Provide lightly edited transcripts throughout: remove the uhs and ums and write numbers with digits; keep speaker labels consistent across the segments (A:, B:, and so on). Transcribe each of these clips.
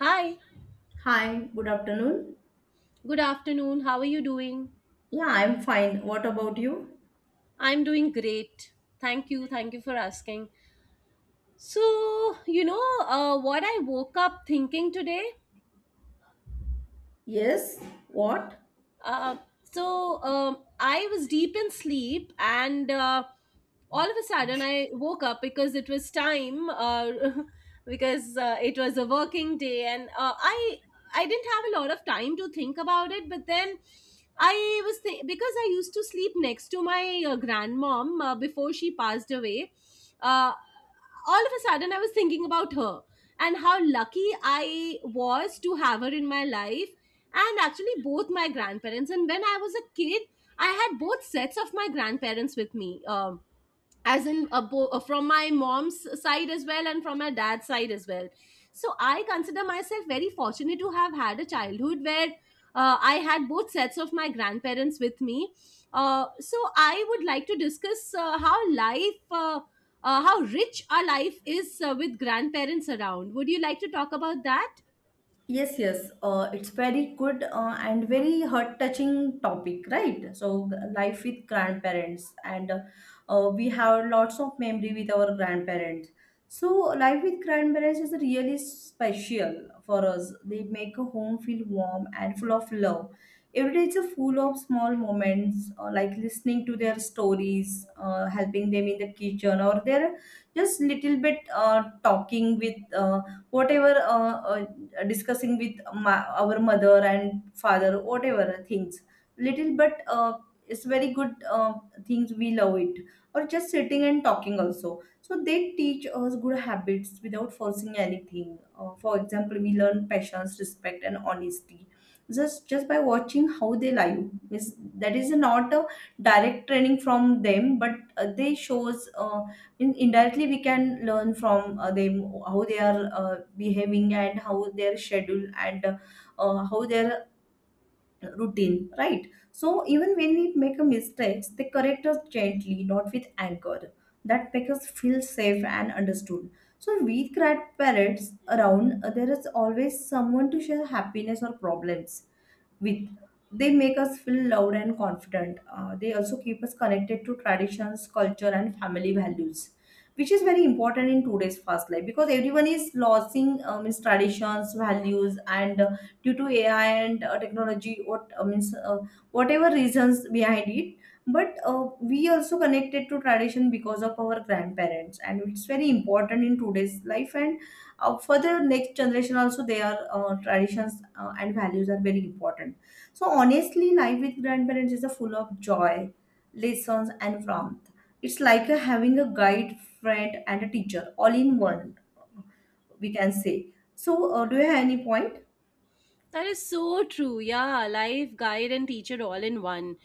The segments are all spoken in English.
A: Hi,
B: Hi, good afternoon.
A: good afternoon. How are you doing?
B: Yeah, I'm fine. What about you?
A: I'm doing great. Thank you. Thank you for asking. So, you know, what I woke up thinking today?
B: Yes, what?
A: Uh, I was deep in sleep, and all of a sudden I woke up because it was time, because it was a working day, and uh, I didn't have a lot of time to think about it. But then because I used to sleep next to my grandmom before she passed away. Uh, all of a sudden, I was thinking about her and how lucky I was to have her in my life, and actually both my grandparents. And when I was a kid, I had both sets of my grandparents with me, from my mom's side as well and from my dad's side as well. So I consider myself very fortunate to have had a childhood where I had both sets of my grandparents with me. Uh, so I would like to discuss how life how rich our life is with grandparents around. Would you like to talk about that?
B: Yes, yes. It's very good and very heart-touching topic, right? So life with grandparents, and we have lots of memory with our grandparents. So life with grandparents is really special for us. They make a home feel warm and full of love. Every day is a full of small moments, like listening to their stories, helping them in the kitchen, or they're just little bit talking with. Whatever Discussing with our mother and father whatever things little but it's very good, things we love it, or just sitting and talking also. So they teach us good habits without forcing anything. For example, we learn patience, respect, and honesty just by watching how they live. Means that is not a direct training from them, but they shows, in indirectly we can learn from them, how they are behaving, and how their schedule, and how their routine, right? So even when we make a mistake, they correct us gently, not with anger. That makes us feel safe and understood. So we grandparents around, there is always someone to share happiness or problems with. They make us feel loud and confident. They also keep us connected to traditions, culture, and family values, which is very important in today's fast life because everyone is losing, means traditions, values, and due to AI and technology, whatever reasons behind it. But we also connected to tradition because of our grandparents, and it's very important in today's life, and for the next generation also their traditions and values are very important. So honestly, life with grandparents is a full of joy, lessons, and warmth. It's like a having a guide, friend, and a teacher all in one, we can say. So, do you have any point?
A: That is so true. Yeah, life guide and teacher all in one.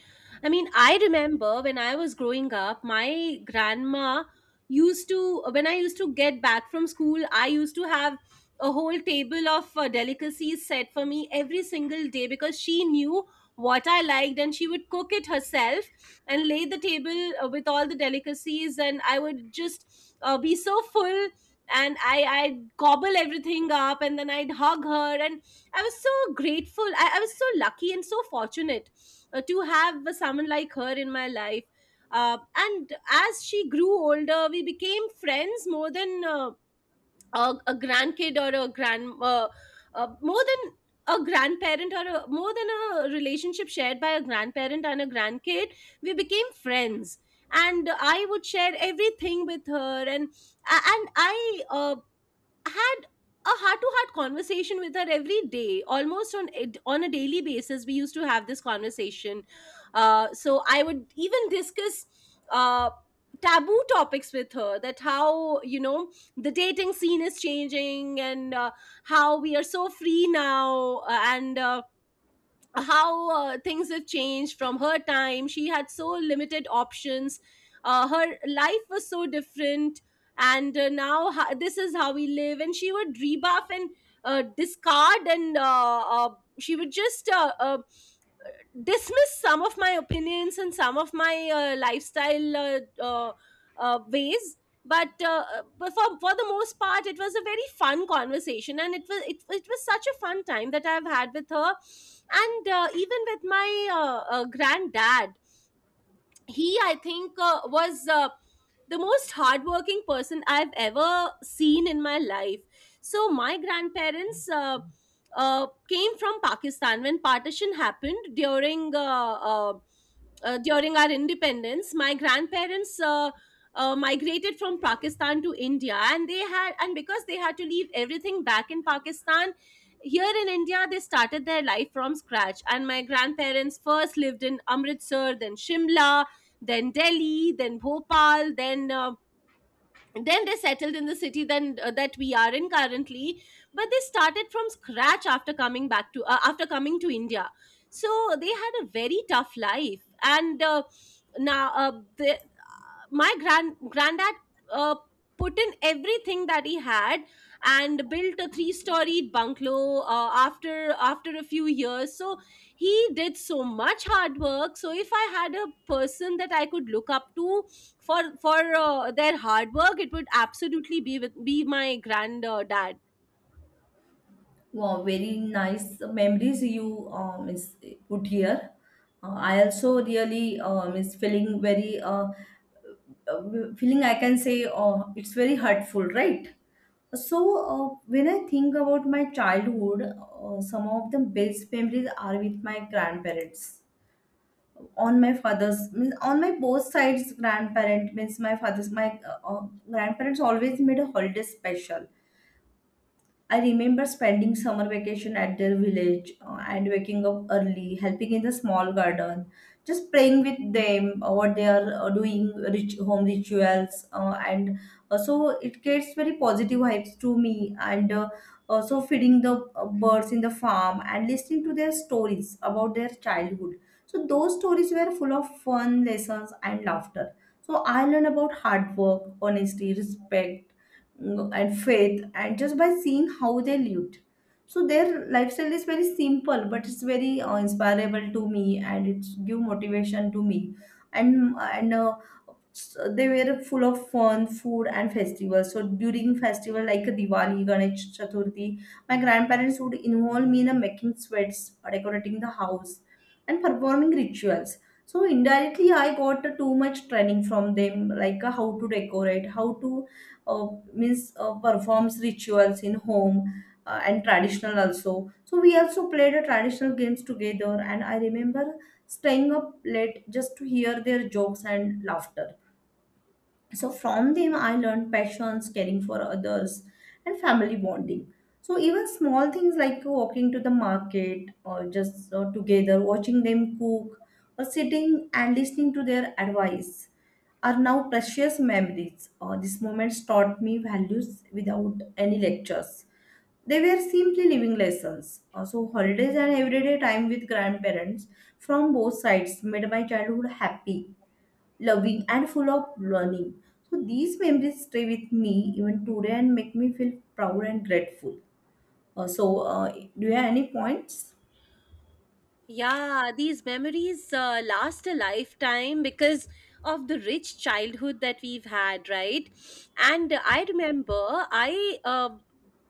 A: I mean, I remember when I was growing up, my grandma used to, when I used to get back from school, I used to have a whole table of delicacies set for me every single day, because she knew what I liked, and she would cook it herself and lay the table with all the delicacies, and I would just be so full, and I'd gobble everything up, and then I'd hug her and I was so grateful. I was so lucky and so fortunate to have someone like her in my life. And as she grew older, we became friends more than a grandkid or a more than a grandparent, or more than a relationship shared by a grandparent and a grandkid. We became friends. And I would share everything with her, and I had a heart to heart conversation with her every day. Almost on a daily basis, we used to have this conversation. Uh, so I would even discuss uh, taboo topics with her. That how you know the dating scene is changing, and how we are so free now, and how things have changed from her time. She had so limited options. Her life was so different, and now this is how we live. And she would rebuff and discard, and she would just dismiss some of my opinions and some of my lifestyle ways. But uh, but for the most part, it was a very fun conversation, and it was it was such a fun time that I've had with her. And even with my granddad, he, I think was the most hardworking person I've ever seen in my life. So my grandparents came from Pakistan when partition happened during during our independence. My grandparents migrated from Pakistan to India, and they had, and because they had to leave everything back in Pakistan, here in India they started their life from scratch. And my grandparents first lived in Amritsar, then Shimla, then Delhi, then Bhopal, then they settled in the city then that we are in currently. But they started from scratch after coming back to after coming to India. So they had a very tough life, and now the my granddad uh, put in everything that he had and built a three storied bungalow after a few years. So he did so much hard work. So if I had a person that I could look up to for their hard work, it would absolutely be be my granddad.
B: Wow, very nice memories you is put here. I also really is feeling very, uh, feeling, I can say, it's very hurtful, right? So, when I think about my childhood, some of the best memories are with my grandparents. On my father's, means on my both sides, grandparent, means my father's, my grandparents always made a holiday special. I remember spending summer vacation at their village and waking up early, helping in the small garden, just praying with them, what they are doing, rich home rituals, and so it gets very positive vibes to me. And also feeding the birds in the farm and listening to their stories about their childhood. So those stories were full of fun, lessons, and laughter. So I learned about hard work, honesty, respect, and faith, and just by seeing how they lived. So their lifestyle is very simple, but it's very inspirable to me, and it's give motivation to me. And so they were full of fun, food, and festivals. So during festival like Diwali, Ganesh Chaturthi, my grandparents would involve me in making sweats, decorating the house, and performing rituals. So indirectly, I got too much training from them, like how to decorate, how to, uh, means performs rituals in home. And traditional also. So we also played traditional games together, and I remember staying up late just to hear their jokes and laughter. So from them, I learned patience, caring for others, and family bonding. So even small things like walking to the market, or just together, watching them cook, or sitting and listening to their advice, are now precious memories. These moments taught me values without any lectures. They were simply living lessons. Also, holidays and everyday time with grandparents from both sides made my childhood happy, loving, and full of learning. So these memories stay with me even today and make me feel proud and grateful. So do you have any points?
A: Yeah, these memories last a lifetime because of the rich childhood that we've had, right? And I remember, I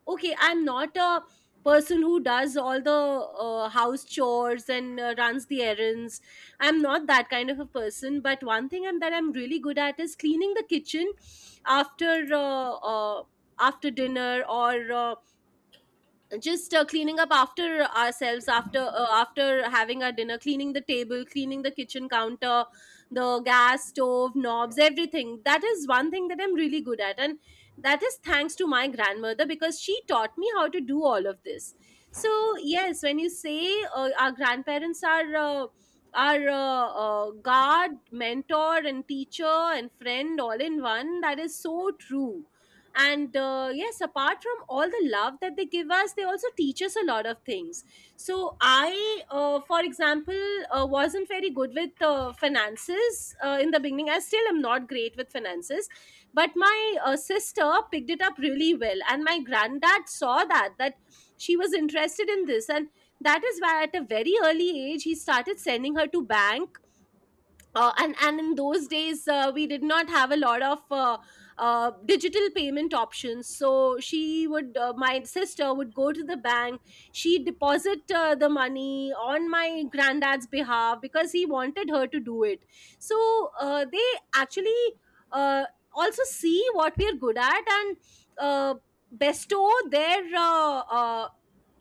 A: okay, I'm not a person who does all the house chores and runs the errands. I'm not that kind of a person, but one thing that I'm really good at is cleaning the kitchen after after dinner, or just cleaning up after ourselves, after after having our dinner, cleaning the table, cleaning the kitchen counter, the gas stove knobs, everything. That is one thing that I'm really good at, and that is thanks to my grandmother, because she taught me how to do all of this. So yes, when you say our grandparents are our guard, mentor and teacher and friend all in one, that is so true. And yes, apart from all the love that they give us, they also teach us a lot of things. So I for example, wasn't very good with finances in the beginning. I still am not great with finances, but my sister picked it up really well, and my granddad saw that she was interested in this, and that is why at a very early age he started sending her to bank. And in those days we did not have a lot of digital payment options, so she would my sister would go to the bank. She deposit the money on my granddad's behalf, because he wanted her to do it. So they actually uh, also see what we are good at, and uh, bestow their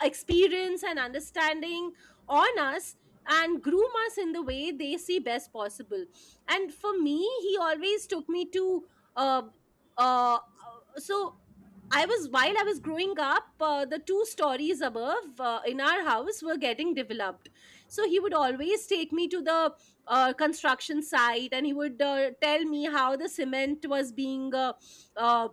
A: experience and understanding on us, and groom us in the way they see best possible. And for me, he always took me to uh, uh, so I was, while I was growing up, the two stories above in our house were getting developed. So he would always take me to the construction site, and he would tell me how the cement was being uh,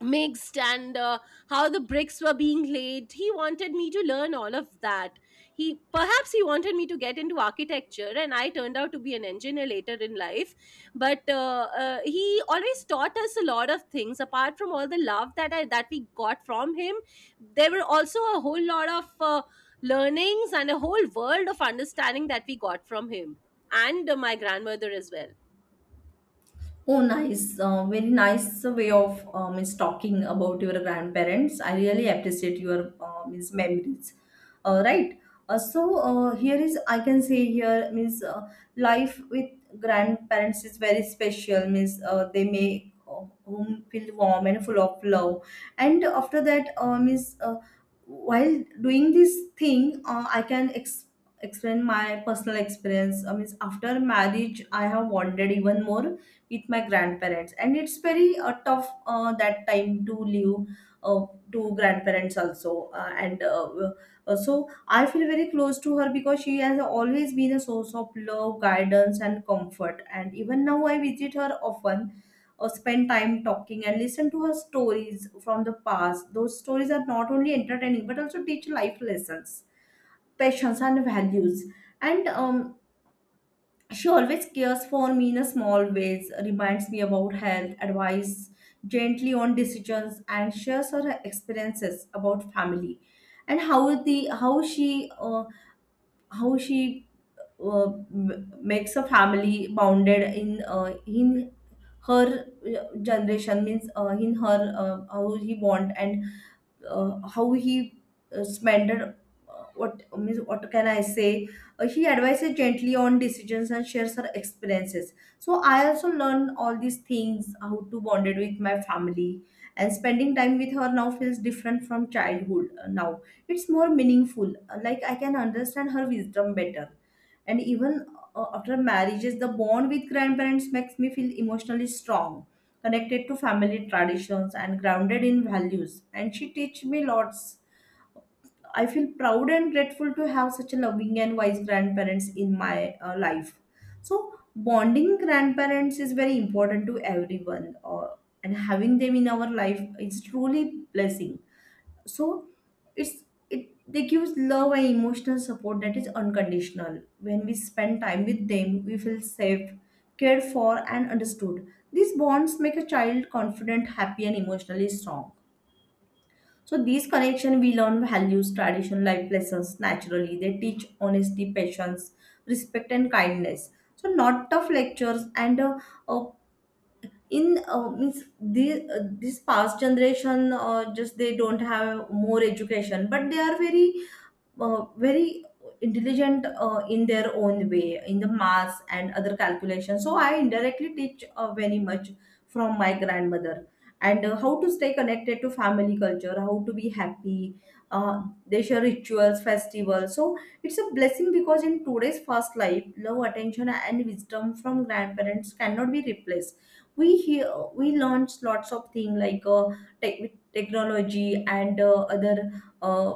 A: mixed, and how the bricks were being laid. He wanted me to learn all of that. He perhaps he wanted me to get into architecture, and I turned out to be an engineer later in life. But he always taught us a lot of things. Apart from all the love that I that we got from him, there were also a whole lot of learnings and a whole world of understanding that we got from him, and my grandmother as well.
B: Oh, nice. Very nice way of, means talking about your grandparents. I really appreciate your, means memories. Right. So here is, I can say, here means, life with grandparents is very special. Means they make home feel warm and full of love. And after that, means while doing this thing, I can explain my personal experience. Means after marriage, I have wanted even more with my grandparents, and it's very tough that time to live uh, to grandparents also, and so I feel very close to her because she has always been a source of love, guidance, and comfort, and even now I visit her often, or spend time talking and listen to her stories from the past. Those stories are not only entertaining, but also teach life lessons, passions, and values. And she always cares for me in a small ways, reminds me about health, advice gently on decisions, and shares her experiences about family, and how the how she, how she, uh, makes a family bounded in, in her generation, means in her, how he want, and how he spent, what means, what can I say? He advises gently on decisions and shares her experiences, so I also learn all these things, how to bonded with my family. And spending time with her now feels different from childhood. Now it's more meaningful. Like, I can understand her wisdom better, and even after marriages, the bond with grandparents makes me feel emotionally strong, connected to family traditions and grounded in values. And she teach me lots. I feel proud and grateful to have such a loving and wise grandparents in my life. So bonding grandparents is very important to everyone, and having them in our life is truly blessing. So it's it they gives love and emotional support that is unconditional. When we spend time with them, we feel safe, cared for, and understood. These bonds make a child confident, happy, and emotionally strong. So these connection, we learn values, traditional life lessons naturally. They teach honesty, patience, respect, and kindness, so not tough lectures. And uh, in means The, this past generation, just they don't have more education, but they are very very intelligent in their own way, in the maths and other calculations. So I indirectly teach very much from my grandmother, and how to stay connected to family culture, how to be happy. They share rituals, festivals. So it's a blessing because in today's fast life, love, attention, and wisdom from grandparents cannot be replaced. We hear, we launch lots of things like technology, and uh,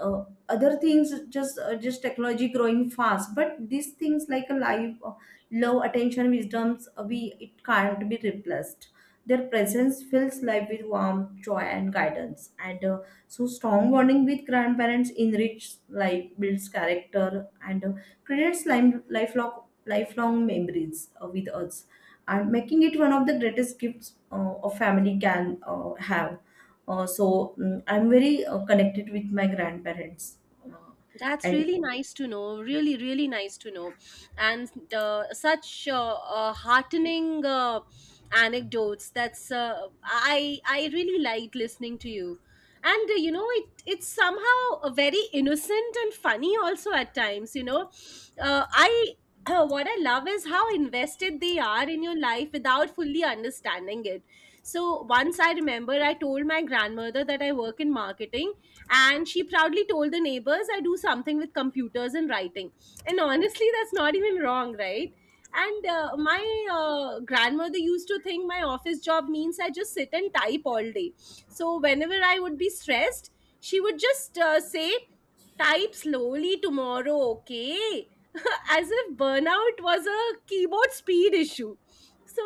B: uh, other things. Just technology growing fast, but these things like a life, love, attention, wisdoms, we, it can't be replaced. Their presence fills life with warmth, joy, and guidance, and so strong bonding with grandparents enriches life, builds character, and creates lifelong memories with us, and making it one of the greatest gifts a family can have. uh, so I'm very connected with my grandparents, uh,
A: That's
B: and
A: really nice to know. Really, really nice to know. And such heartening anecdotes. That's I really liked listening to you. And it it's somehow very innocent and funny also at times. I what I love is how invested they are in your life without fully understanding it. So once I remember, I told my grandmother that I work in marketing, and she proudly told the neighbors, I do something with computers and writing. And honestly, that's not even wrong, right? And my grandmother used to think my office job means I just sit and type all day. So whenever I would be stressed, she would just say, "Type slowly tomorrow, okay?" As if burnout was a keyboard speed issue. So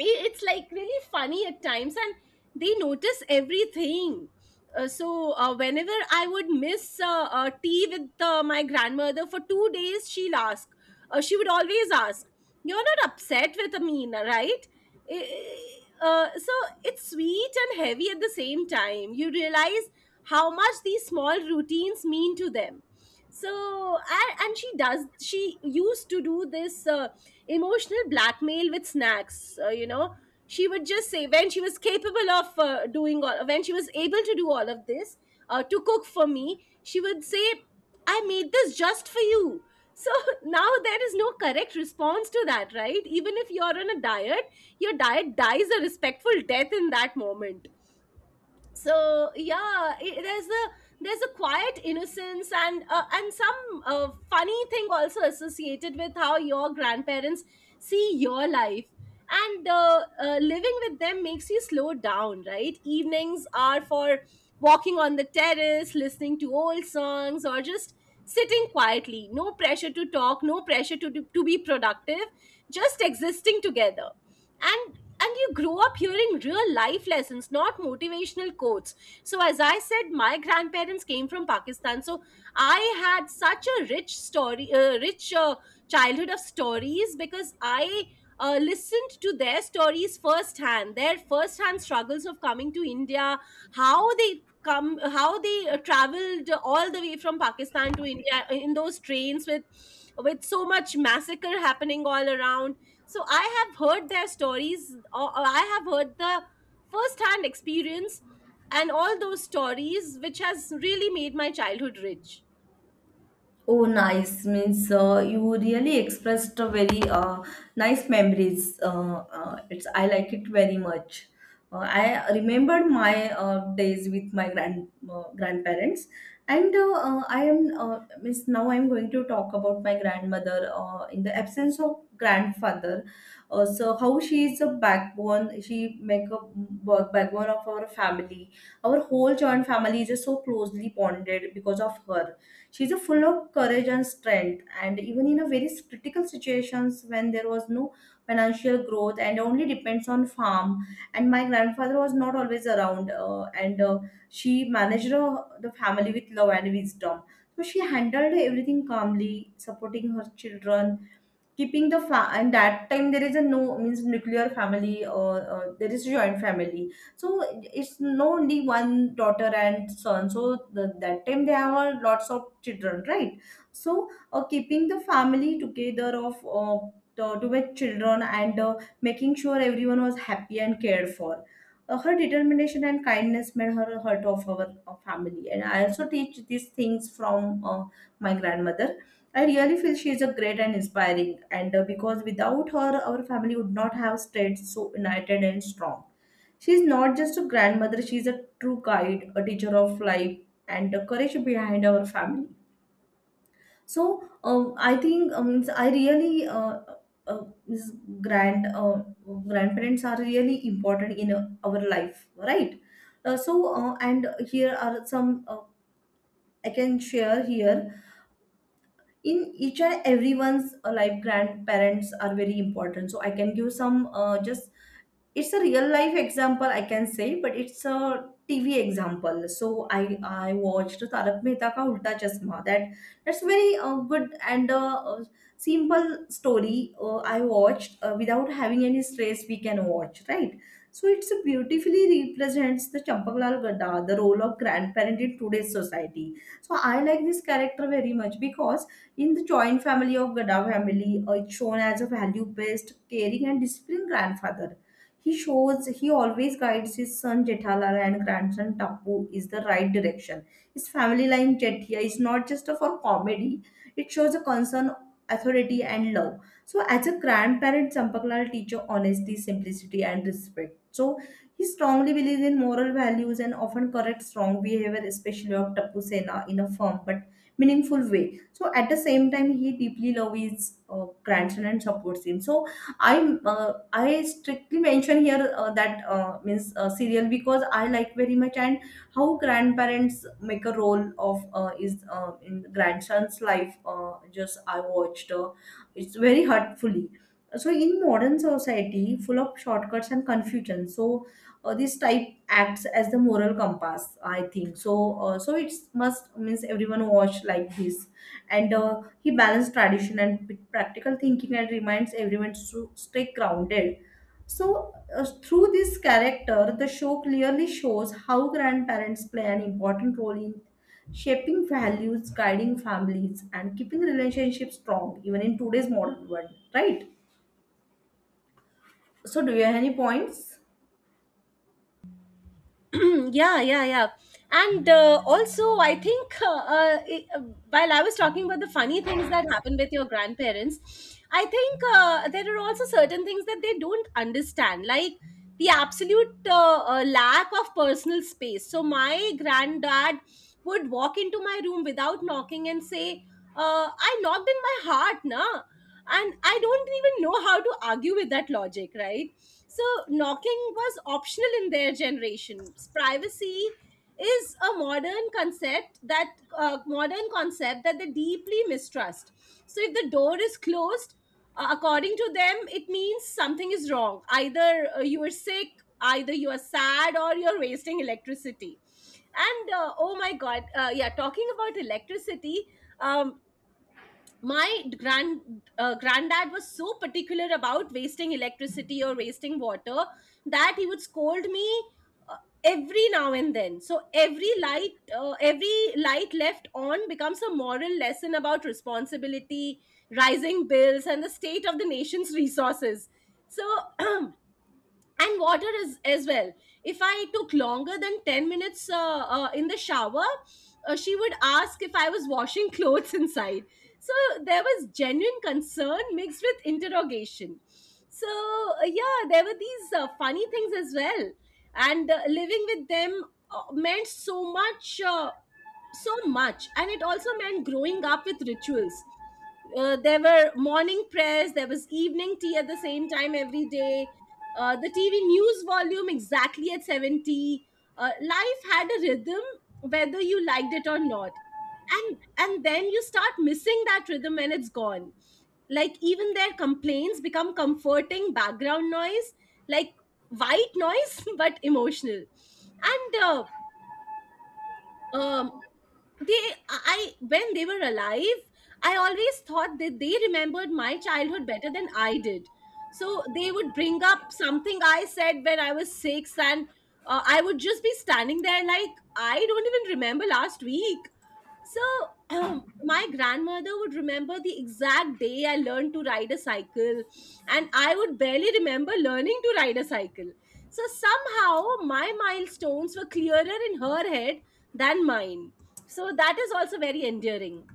A: it's like really funny at times. And they notice everything. uh, so Whenever I would miss tea with my grandmother for 2 days, she'll ask, she would always ask, "You're not upset with Amina, right?" I- I- uh, so it's sweet and heavy at the same time. You realize how much these small routines mean to them. So and she used to do this emotional blackmail with snacks. She would just say, when she was capable of when she was able to do all of this to cook for me, she would say, "I made this just for you." So now there is no correct response to that, right? Even if you're on a diet, your diet dies a respectful death in that moment. So yeah i there's a quiet innocence and some funny thing also associated with how your grandparents see your life. And living with them makes you slow down, right? Evenings are for walking on the terrace, listening to old songs, or just sitting quietly. No pressure to talk, no pressure to be productive, just existing together. And and you grow up hearing real life lessons, not motivational quotes. So as I said, my grandparents came from Pakistan, so I had such a rich story, rich childhood of stories, because I listened to their stories firsthand, their firsthand struggles of coming to India, how they come how they traveled all the way from Pakistan to India in those trains with so much massacre happening all around. So I have heard their stories, or I have heard the first-hand experience, and all those stories, which has really made my childhood rich.
B: Oh, nice. Means you really expressed a very nice memories. It's, I like it very much. I remembered my days with my grandparents, and I am, means now I'm going to talk about my grandmother in the absence of grandfather. So how she is a backbone. She make a backbone of our family. Our whole joint family is just so closely bonded because of her. She's a full of courage and strength, and even in a very critical situations when there was no financial growth and only depends on farm. And my grandfather was not always around, and she managed the family with love and wisdom. So she handled everything calmly, supporting her children, keeping the And that time there is a no means nuclear family, or there is joint family. So it's no only one daughter and son. So that time they have a lots of children, right? So keeping the family together of, the two children, and making sure everyone was happy and cared for. Her determination and kindness made her a heart of our family, and I also teach these things from my grandmother. I really feel she is a great and inspiring, and because without her, our family would not have stayed so united and strong. She is not just a grandmother, she is a true guide, a teacher of life, and the courage behind our family. So I think I really, uh, means grand uh, grandparents are really important in our life, right? And here are some I can share here in each and everyone's life grandparents are very important, so I can give some just it's a real life example I can say, but it's a TV example. So i I watched Tarak Mehta Ka Ulta Chashma. That's very good and simple story. I watched, without having any stress we can watch, right? So it's a beautifully represents the Champaklal Gadda, the role of grandparent in today's society. So I like this character very much because in the joint family of Gadda family, it's shown as a value based caring and disciplined grandfather. He shows, he always guides his son Jethalara and grandson Tapu is the right direction. His family line Jethia is not just for comedy; it shows a concern, authority, and love. So, as a grandparent, Champaklal teaches honesty, simplicity, and respect. So, he strongly believes in moral values and often corrects wrong behavior, especially of Tapu Sena, in a firm but meaningful way. So, at the same time, he deeply loves his grandson and supports him. So, I strictly mention here that means serial because I like very much, and how grandparents make a role of is in grandson's life. Just I watched, it's very hurtfully. So in modern society, full of shortcuts and confusion, so this type acts as the moral compass, I think so. So it's must means everyone watch like this, and he balanced tradition and with practical thinking and reminds everyone to stay grounded. So, through this character, the show clearly shows how grandparents play an important role in shaping values, guiding families, and keeping relationships strong, even in today's modern world, right? So, do you have any points?
A: Yeah. And also I think while I was talking about the funny things that happen with your grandparents, I think there are also certain things that they don't understand, like the absolute lack of personal space. So my granddad would walk into my room without knocking and say, "I knocked in my heart, na." And I don't even know how to argue with that logic, right? So knocking was optional in their generation. Privacy is a modern concept that Modern concept that they deeply mistrust. So if the door is closed, according to them it means something is wrong: either you are sick, either you are sad, or you're wasting electricity. And oh my god, yeah, talking about electricity, um, my granddad was so particular about wasting electricity or wasting water that he would scold me uh, every now and then. So every light, every light left on becomes a moral lesson about responsibility, rising bills, and the state of the nation's resources. So and water as well, if I took longer than 10 minutes in the shower, she would ask if I was washing clothes inside. So there was genuine concern mixed with interrogation. So yeah, there were these funny things as well. And living with them meant so much, so much. And it also meant growing up with rituals. There were morning prayers, there was evening tea at the same time every day, the TV news volume exactly at 70. Life had a rhythm, whether you liked it or not. And then you start missing that rhythm when it's gone. Like, even their complaints become comforting background noise, like white noise, but emotional. And um they I, when they were alive, I always thought that they remembered my childhood better than I did. So they would bring up something I said when I was 6, and I would just be standing there like, "I don't even remember last week." So my grandmother would remember the exact day I learned to ride a cycle, and I would barely remember learning to ride a cycle. So somehow my milestones were clearer in her head than mine. So that is also very endearing.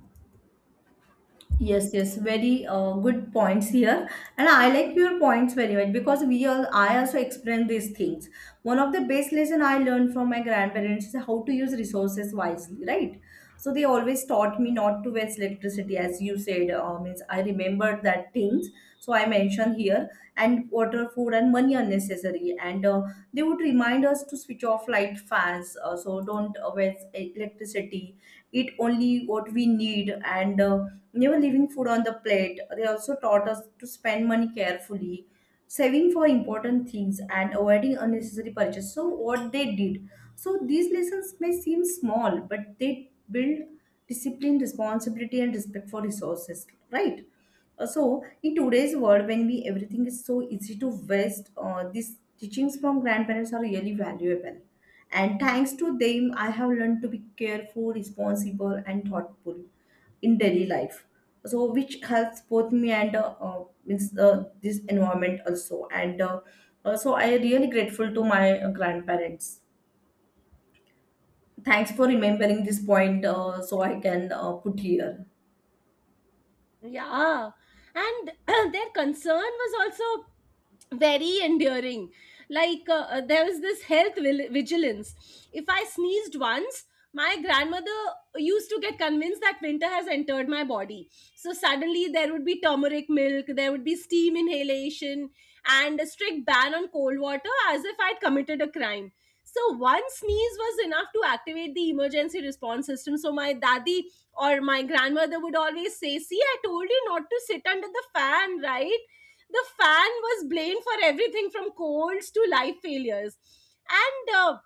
B: Yes, yes, very good points here, and I like your points very much because we all I also experience these things. One of the best lesson I learned from my grandparents is how to use resources wisely, right? So they always taught me not to waste electricity, as you said. Means I remembered that things. So I mentioned here, and water, food, and money are necessary, and they would remind us to switch off light fans. So don't waste e-, electricity. Eat only what we need and never leaving food on the plate. They also taught us to spend money carefully, saving for important things, and avoiding unnecessary purchases. So, what they did, so these lessons may seem small, but they build discipline, responsibility, and respect for resources, right? So in today's world, when we everything is so easy to waste, these teachings from grandparents are really valuable. And thanks to them, I have learned to be careful, responsible, and thoughtful in daily life. So which helps both me and means this environment also. And so I am really grateful to my grandparents. Thanks for remembering this point, so I can put here.
A: Yeah. And their concern was also very endearing. Like there was this health vigilance. If I sneezed once, my grandmother used to get convinced that winter has entered my body. So suddenly there would be turmeric milk, there would be steam inhalation, and a strict ban on cold water, as if I'd committed a crime. So one sneeze was enough to activate the emergency response system. So my daddy or my grandmother would always say, "See, I told you not to sit under the fan," right? The fan was blamed for everything from colds to life failures. And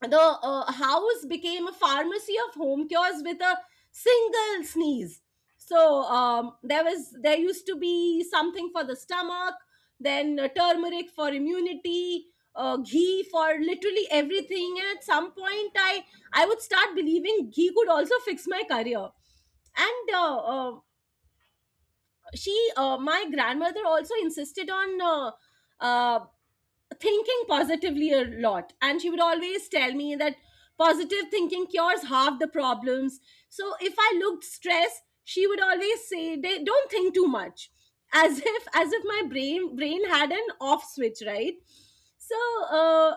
A: the house became a pharmacy of home cures with a single sneeze. So there used to be something for the stomach, then turmeric for immunity, ghee for literally everything. And at some point I would start believing ghee could also fix my career. And she my grandmother also insisted on uh, thinking positively a lot, and she would always tell me that positive thinking cures half the problems. So if I looked stressed, she would always say, " don't think too much," as if, as if my brain had an off switch, right? So uh,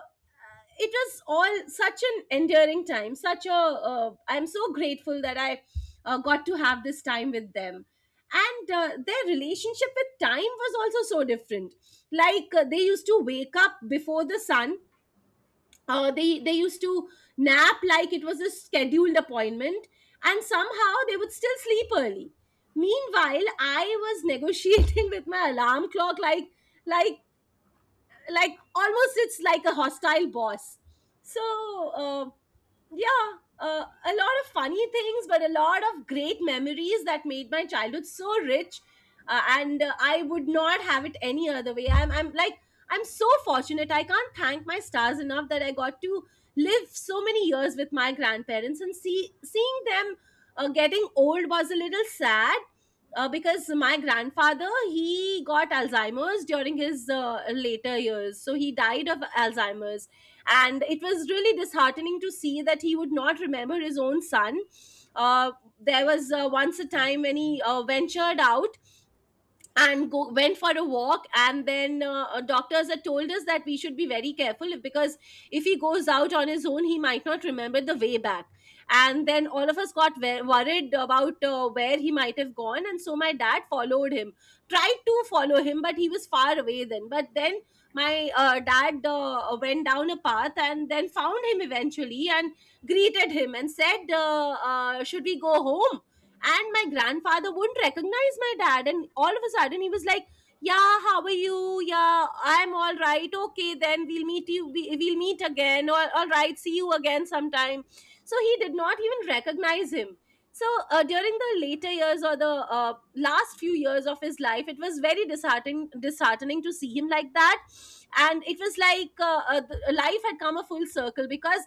A: it was all such an endearing time, such a I'm so grateful that I got to have this time with them. And their relationship with time was also so different. Like they used to wake up before the sun. They used to nap like it was a scheduled appointment, and somehow they would still sleep early. Meanwhile, I was negotiating with my alarm clock like, like almost it's like a hostile boss. So uh, yeah a lot of funny things, but a lot of great memories that made my childhood so rich. And I would not have it any other way. I'm like, I'm so fortunate, I can't thank my stars enough that I got to live so many years with my grandparents. And seeing them getting old was a little sad, because my grandfather, he got Alzheimer's during his later years, so he died of Alzheimer's. And it was really disheartening to see that he would not remember his own son. uh, there was once a time when he ventured out and go went for a walk. And then doctors had told us that we should be very careful, because if he goes out on his own he might not remember the way back. And then all of us got worried about where he might have gone, and so my dad followed him, tried to follow him, but he was far away then. But then my dad went down a path and then found him eventually, and greeted him and said, "Should we go home?" And my grandfather wouldn't recognize my dad. And all of a sudden, he was like, "Yeah, how are you? Yeah, I'm all right. Okay, then we'll meet you, we'll meet again. Or all right, see you again sometime." So he did not even recognize him. So during the later years, or the last few years of his life, it was very disheartening to see him like that. And it was like life had come a full circle, because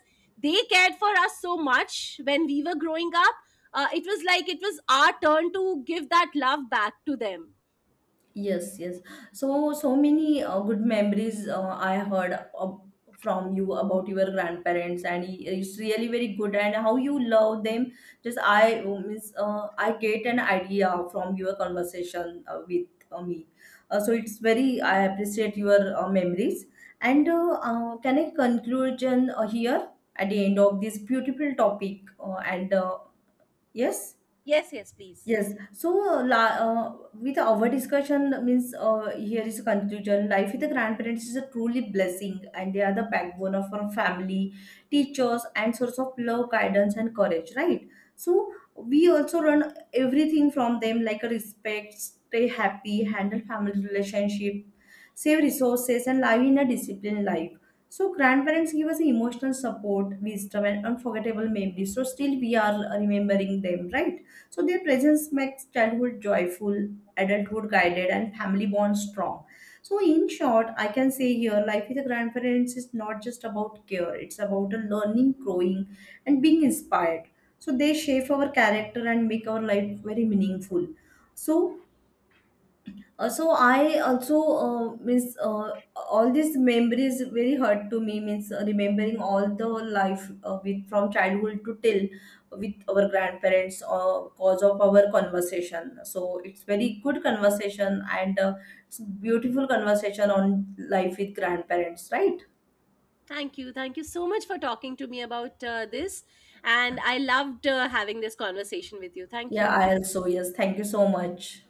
A: they cared for us so much when we were growing up. It was like it was our turn to give that love back to them.
B: Yes, yes. So, so many good memories I heard ab- from you about your grandparents, and I- it's really very good. And how you love them, just I means I get an idea from your conversation with me. So it's very I appreciate your memories. And Can I conclusion here at the end of this beautiful topic? And Yes.
A: Yes, yes, please.
B: Yes. So, la uh, with our discussion, means here is a conclusion. Life with the grandparents is a truly blessing, and they are the backbone of our family, teachers, and source of love, guidance, and courage. Right. So we also learn everything from them, like a respect, stay happy, handle family relationship, save resources, and live in a disciplined life. So grandparents give us emotional support, wisdom, and unforgettable memories. So still we are remembering them, right? So their presence makes childhood joyful, adulthood guided, and family bonds strong. So in short, I can say here, life with the grandparents is not just about care; it's about a learning, growing, and being inspired. So they shape our character and make our life very meaningful. So so I also means all these memories very hurt to me means remembering all the life with from childhood to till with our grandparents cause of our conversation. So it's very good conversation, and it's beautiful conversation on life with grandparents, right?
A: Thank you, thank you so much for talking to me about this, and I loved having this conversation with you. Thank
B: Yeah,
A: you.
B: I also yes. Thank you so much.